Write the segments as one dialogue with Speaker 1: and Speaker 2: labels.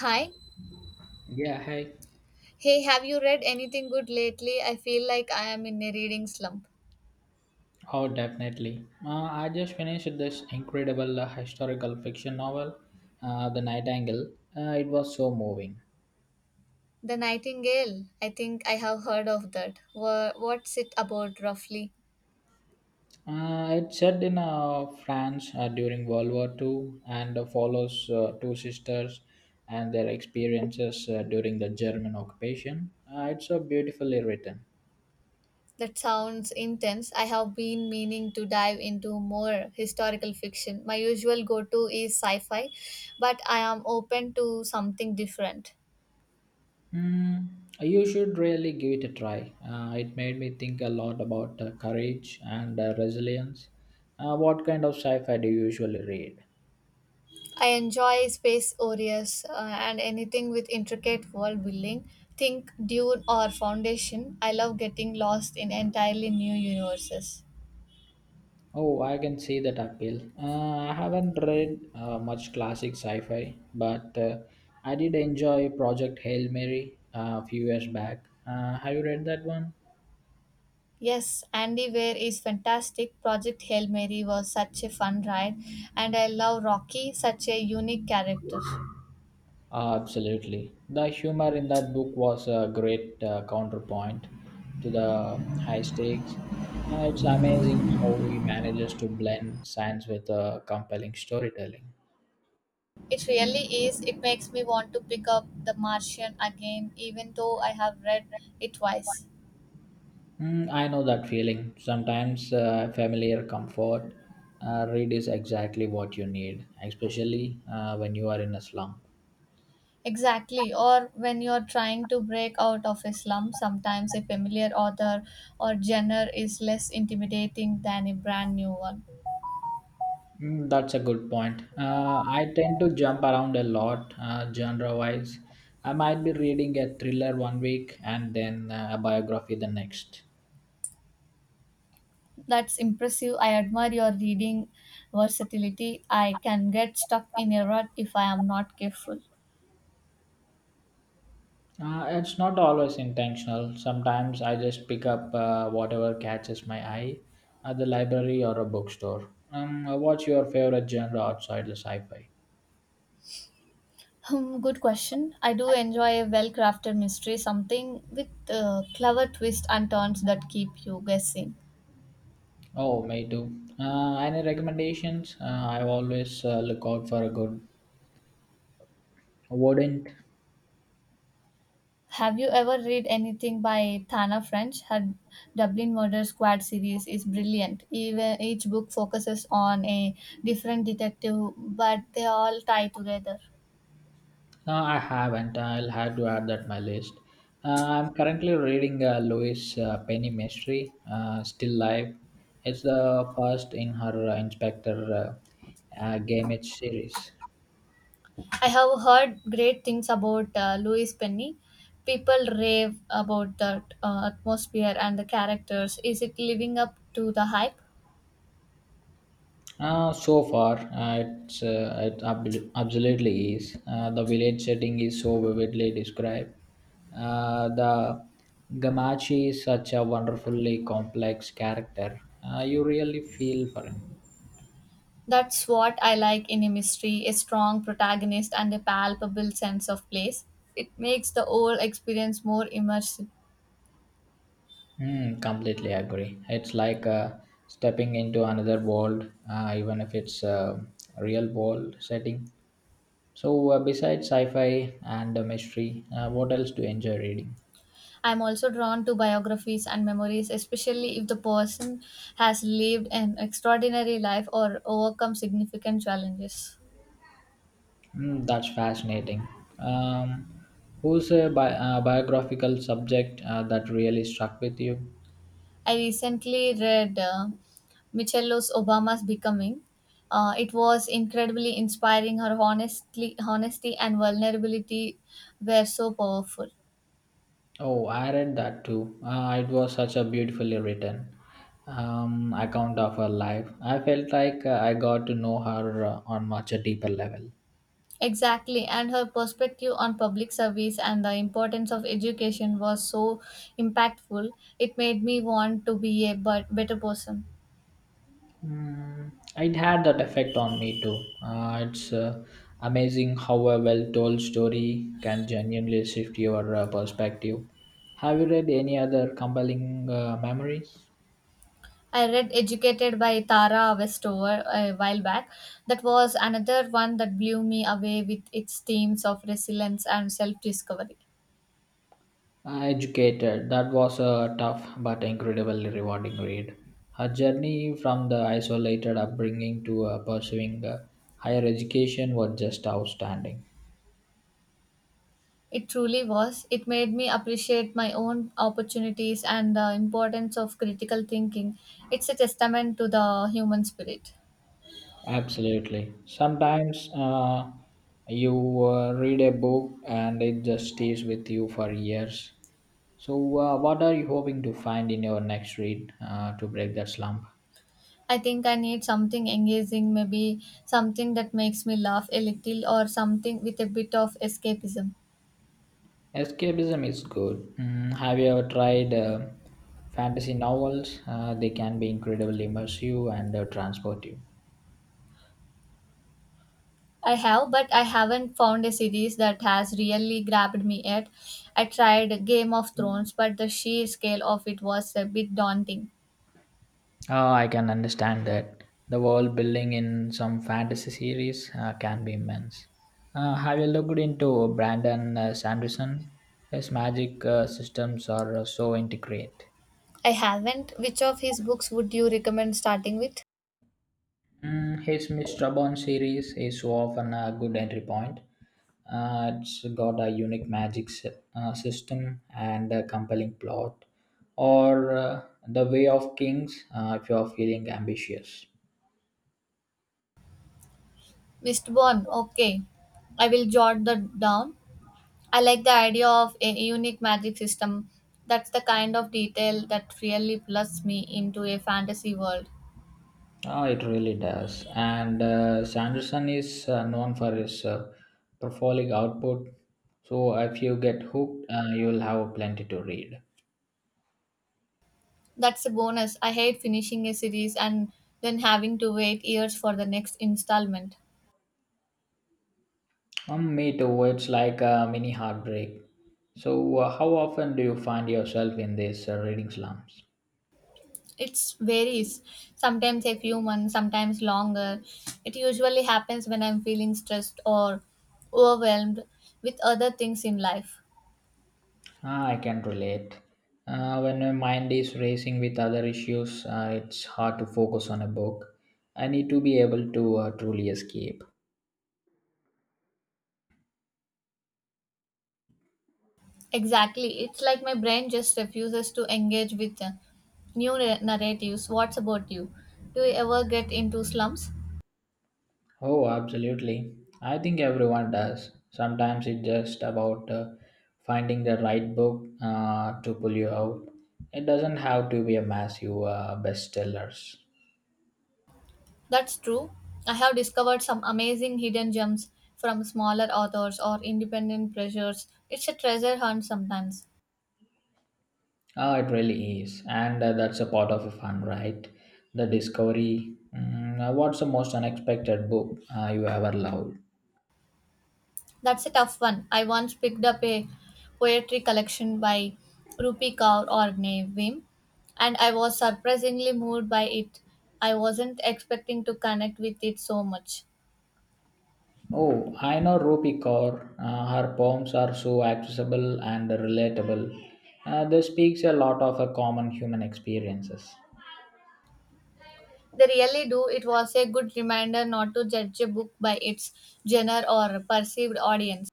Speaker 1: Hi.
Speaker 2: Yeah, hi.
Speaker 1: Hey, have you read anything good lately? I feel like I am in a reading slump.
Speaker 2: Oh, definitely. I just finished this incredible historical fiction novel, The Nightingale. It was so moving.
Speaker 1: The Nightingale. I think I have heard of that. What's it about roughly?
Speaker 2: It's set in France during World War Two and follows two sisters and their experiences during the German occupation. It's so beautifully written.
Speaker 1: That sounds intense. I have been meaning to dive into more historical fiction. My usual go to is sci fi, but I am open to something different.
Speaker 2: Mm, you should really give it a try. It made me think a lot about courage and resilience. What kind of sci fi do you usually read?
Speaker 1: I enjoy space aureas and anything with intricate world building. Think Dune or Foundation. I love getting lost in entirely new universes.
Speaker 2: Oh, I can see that appeal. I haven't read much classic sci fi, but I did enjoy Project Hail Mary a few years back. Have you read that one?
Speaker 1: Yes, Andy Weir is fantastic. Project Hail Mary was such a fun ride, and I love Rocky, such a unique character.
Speaker 2: Absolutely. The humor in that book was a great counterpoint to the high stakes. It's amazing how he manages to blend science with compelling storytelling.
Speaker 1: It really is. It makes me want to pick up The Martian again, even though I have read it twice.
Speaker 2: I know that feeling. Sometimes familiar comfort read is exactly what you need, especially when you are in a slump.
Speaker 1: Exactly. Or when you're trying to break out of a slum, sometimes a familiar author or genre is less intimidating than a brand new one.
Speaker 2: That's a good point. I tend to jump around a lot, genre wise. I might be reading a thriller one week and then a biography the next.
Speaker 1: That's impressive. I admire your reading versatility. I can get stuck in a rut if I am not careful.
Speaker 2: It's not always intentional. Sometimes I just pick up whatever catches my eye at the library or a bookstore. What's your favorite genre outside the sci fi?
Speaker 1: Good question. I do enjoy a well crafted mystery, something with clever twists and turns that keep you guessing.
Speaker 2: Oh, me too. Any recommendations? I always look out for a good wouldn't
Speaker 1: Have you ever read anything by Thana French? Her Dublin Murder Squad series is brilliant. Even each book focuses on a different detective, but they all tie together.
Speaker 2: No, I haven't. I'll have to add that my list. I'm currently reading Louise Penny Mystery, Still Live. It's the first in her Inspector Gamage series.
Speaker 1: I have heard great things about Louis Penny. People rave about the atmosphere and the characters. Is it living up to the hype?
Speaker 2: So far, absolutely is. The village setting is so vividly described. The Gamachi is such a wonderfully complex character. You really feel for him.
Speaker 1: That's what I like in a mystery a strong protagonist and a palpable sense of place. It makes the whole experience more immersive.
Speaker 2: Hmm. Completely agree. It's like stepping into another world, even if it's a real world setting. So, besides sci fi and mystery, what else do you enjoy reading?
Speaker 1: I'm also drawn to biographies and memories, especially if the person has lived an extraordinary life or overcome significant challenges.
Speaker 2: Hmm. That's fascinating. Um, who's a biographical subject that really struck with you?
Speaker 1: I recently read Michelos Obama's Becoming. It was incredibly inspiring. Her honestly, honesty and vulnerability were so powerful.
Speaker 2: Oh, I read that too. It was such a beautifully written account of her life. I felt like I got to know her on much a deeper level.
Speaker 1: Exactly, and her perspective on public service and the importance of education was so impactful. It made me want to be a but better person.
Speaker 2: It had that effect on me too. It's amazing how a well-told story can genuinely shift your perspective. Have you read any other compelling memories?
Speaker 1: I read Educated by Tara Westover a while back. That was another one that blew me away with its themes of resilience and self discovery.
Speaker 2: Educated. That was a tough but incredibly rewarding read. Her journey from the isolated upbringing to pursuing higher education was just outstanding.
Speaker 1: It truly was. It made me appreciate my own opportunities and the importance of critical thinking. It's a testament to the human spirit.
Speaker 2: Absolutely. Sometimes you read a book and it just stays with you for years. So, what are you hoping to find in your next read to break that slump?
Speaker 1: I think I need something engaging, maybe something that makes me laugh a little or something with a bit of escapism.
Speaker 2: Escapism is good. Have you ever tried fantasy novels? They can be incredibly immersive and transportive.
Speaker 1: I have, but I haven't found a series that has really grabbed me yet. I tried Game of Thrones, but the sheer scale of it was a bit daunting.
Speaker 2: Oh, I can understand that. The world building in some fantasy series can be immense. Have you looked into Brandon Sanderson? His magic systems are so intricate.
Speaker 1: I haven't. Which of his books would you recommend starting with?
Speaker 2: His Mr. Bond series is so often a good entry point. It's got a unique magic system and a compelling plot. Or The Way of Kings if you're feeling ambitious.
Speaker 1: Mistborn. Okay. I will jot that down. I like the idea of a unique magic system. That's the kind of detail that really plugs me into a fantasy world.
Speaker 2: Ah, it really does. And Sanderson is known for his prolific output. So if you get hooked, you'll have plenty to read.
Speaker 1: That's a bonus. I hate finishing a series and then having to wait years for the next installment.
Speaker 2: Me too. It's like a mini heartbreak. So, how often do you find yourself in these reading slumps?
Speaker 1: It varies. Sometimes a few months, sometimes longer. It usually happens when I'm feeling stressed or overwhelmed with other things in life.
Speaker 2: Ah, I can relate. When my mind is racing with other issues, it's hard to focus on a book. I need to be able to truly escape.
Speaker 1: Exactly. It's like my brain just refuses to engage with narratives. What's about you? Do you ever get into slumps?
Speaker 2: Oh, absolutely. I think everyone does. Sometimes it's just about finding the right book to pull you out. It doesn't have to be a massive bestsellers.
Speaker 1: That's true. I have discovered some amazing hidden gems from smaller authors or independent pressures. It's a treasure hunt sometimes.
Speaker 2: Oh, it really is. And that's a part of the fun, right? The discovery. What's the most unexpected book you ever loved?
Speaker 1: That's a tough one. I once picked up a poetry collection by Rupi Kaur or Nevim, and I was surprisingly moved by it. I wasn't expecting to connect with it so much.
Speaker 2: Oh, I know Rupi Kaur. Her poems are so accessible and relatable. This speaks a lot of a common human experiences.
Speaker 1: They really do. It was a good reminder not to judge a book by its genre or perceived audience.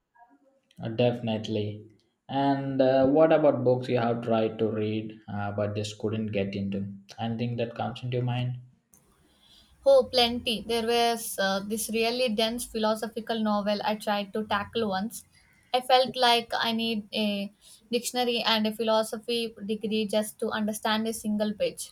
Speaker 2: Definitely. And what about books you have tried to read but just couldn't get into? Anything that comes into your mind?
Speaker 1: Oh, plenty. There was this really dense philosophical novel I tried to tackle once. I felt like I need a dictionary and a philosophy degree just to understand a single page.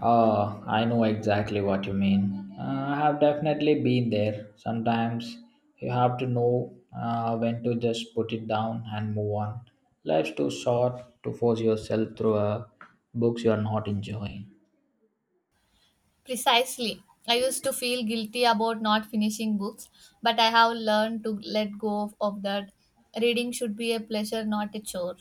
Speaker 2: Oh, I know exactly what you mean. I have definitely been there. Sometimes you have to know when to just put it down and move on. Life's too short to force yourself through books you are not enjoying.
Speaker 1: Precisely. I used to feel guilty about not finishing books, but I have learned to let go of that. Reading should be a pleasure, not a chore.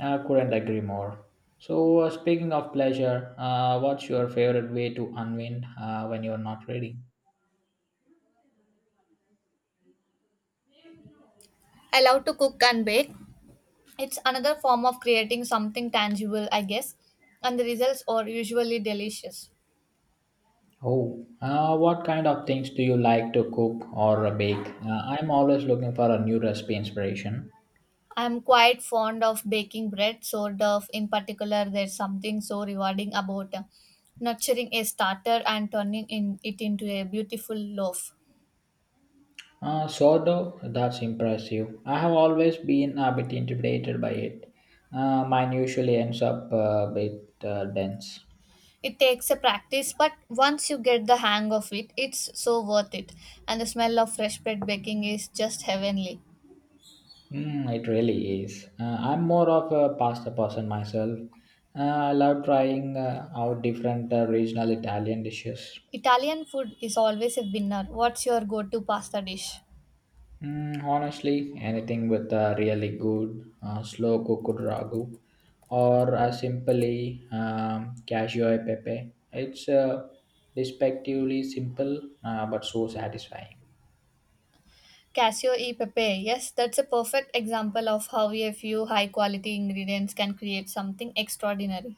Speaker 2: I couldn't agree more. So, speaking of pleasure, what's your favorite way to unwind when you're not reading?
Speaker 1: I love to cook and bake. It's another form of creating something tangible, I guess, and the results are usually delicious.
Speaker 2: Oh, what kind of things do you like to cook or bake? I'm always looking for a new recipe inspiration.
Speaker 1: I'm quite fond of baking bread, so dough in particular. There's something so rewarding about nurturing a starter and turning in it into a beautiful loaf.
Speaker 2: Sourdough, that's impressive. I have always been a bit intimidated by it. Mine usually ends up a bit dense.
Speaker 1: It takes a practice, but once you get the hang of it, it's so worth it. And the smell of fresh bread baking is just heavenly.
Speaker 2: It really is. I'm more of a pasta person myself. I love trying out different regional Italian dishes.
Speaker 1: Italian food is always a winner. What's your go-to pasta dish?
Speaker 2: Honestly, anything with a really good slow cooked ragu or a simply cashew e pepe. It's respectively simple but so satisfying.
Speaker 1: Casio e pepe. Yes, that's a perfect example of how a few high-quality ingredients can create something extraordinary.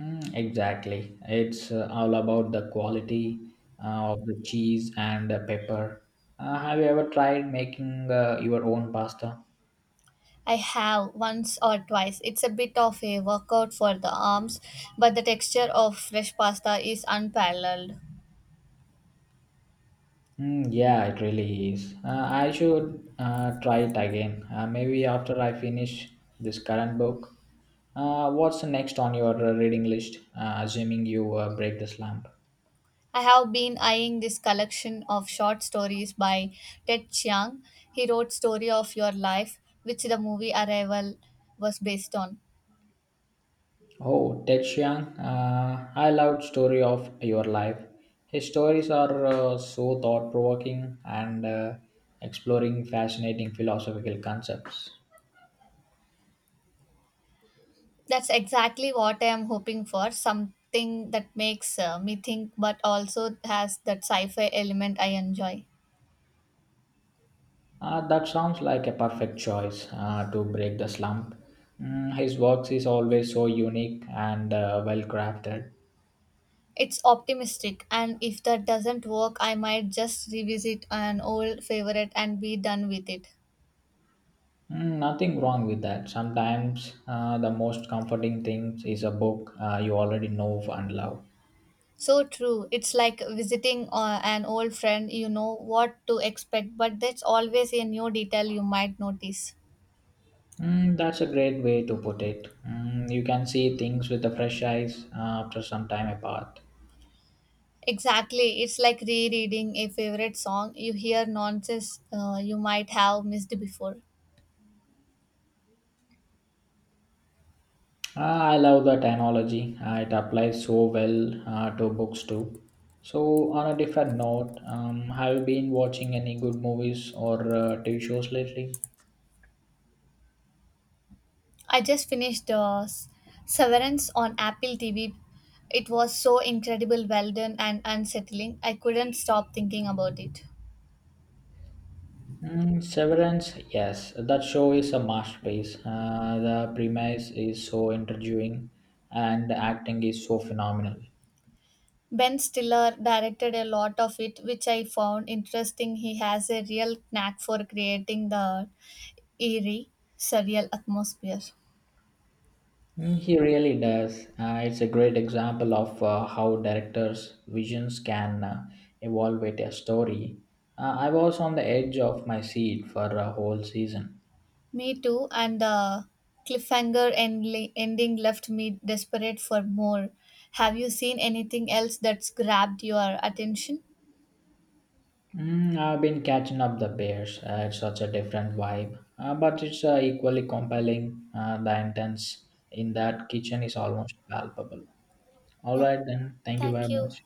Speaker 2: Exactly. It's all about the quality of the cheese and the pepper. Have you ever tried making your own pasta?
Speaker 1: I have once or twice. It's a bit of a workout for the arms, but the texture of fresh pasta is unparalleled.
Speaker 2: Yeah, it really is. I should try it again. Maybe after I finish this current book. What's next on your reading list? Assuming you break the slump.
Speaker 1: I have been eyeing this collection of short stories by Ted Chiang. He wrote Story of Your Life, which the movie Arrival was based on.
Speaker 2: Oh, Ted Chiang, I loved story of your life. His stories are so thought-provoking and exploring fascinating philosophical concepts.
Speaker 1: That's exactly what I am hoping for, something that makes me think but also has that sci-fi element I enjoy.
Speaker 2: That sounds like a perfect choice to break the slump. His works is always so unique and well-crafted.
Speaker 1: It's optimistic, and if that doesn't work, I might just revisit an old favorite and be done with it.
Speaker 2: Nothing wrong with that. Sometimes the most comforting thing is a book you already know and love.
Speaker 1: So true. It's like visiting an old friend, you know what to expect, but there's always a new detail you might notice.
Speaker 2: That's a great way to put it. You can see things with a fresh eyes after some time apart.
Speaker 1: Exactly. It's like rereading a favorite song. You hear nonsense you might have missed before.
Speaker 2: Ah, I love that analogy. It applies so well to books too. So, on a different note, have you been watching any good movies or TV shows lately?
Speaker 1: I just finished Severance on Apple TV. It was so incredible, well done, and unsettling. I couldn't stop thinking about it.
Speaker 2: Severance, yes, that show is a masterpiece. The premise is so intriguing, and the acting is so phenomenal.
Speaker 1: Ben Stiller directed a lot of it, which I found interesting. He has a real knack for creating the eerie, surreal atmosphere.
Speaker 2: He really does. It's a great example of how directors' visions can evolve with a story. I was on the edge of my seat for a whole season.
Speaker 1: Me too, and the ending left me desperate for more. Have you seen anything else that's grabbed your attention?
Speaker 2: I've been catching up the Bears. It's such a different vibe, but it's equally compelling. The intense in that kitchen is almost palpable. All
Speaker 1: Yeah,
Speaker 2: right, then. Thank you very
Speaker 1: thank you.
Speaker 2: much.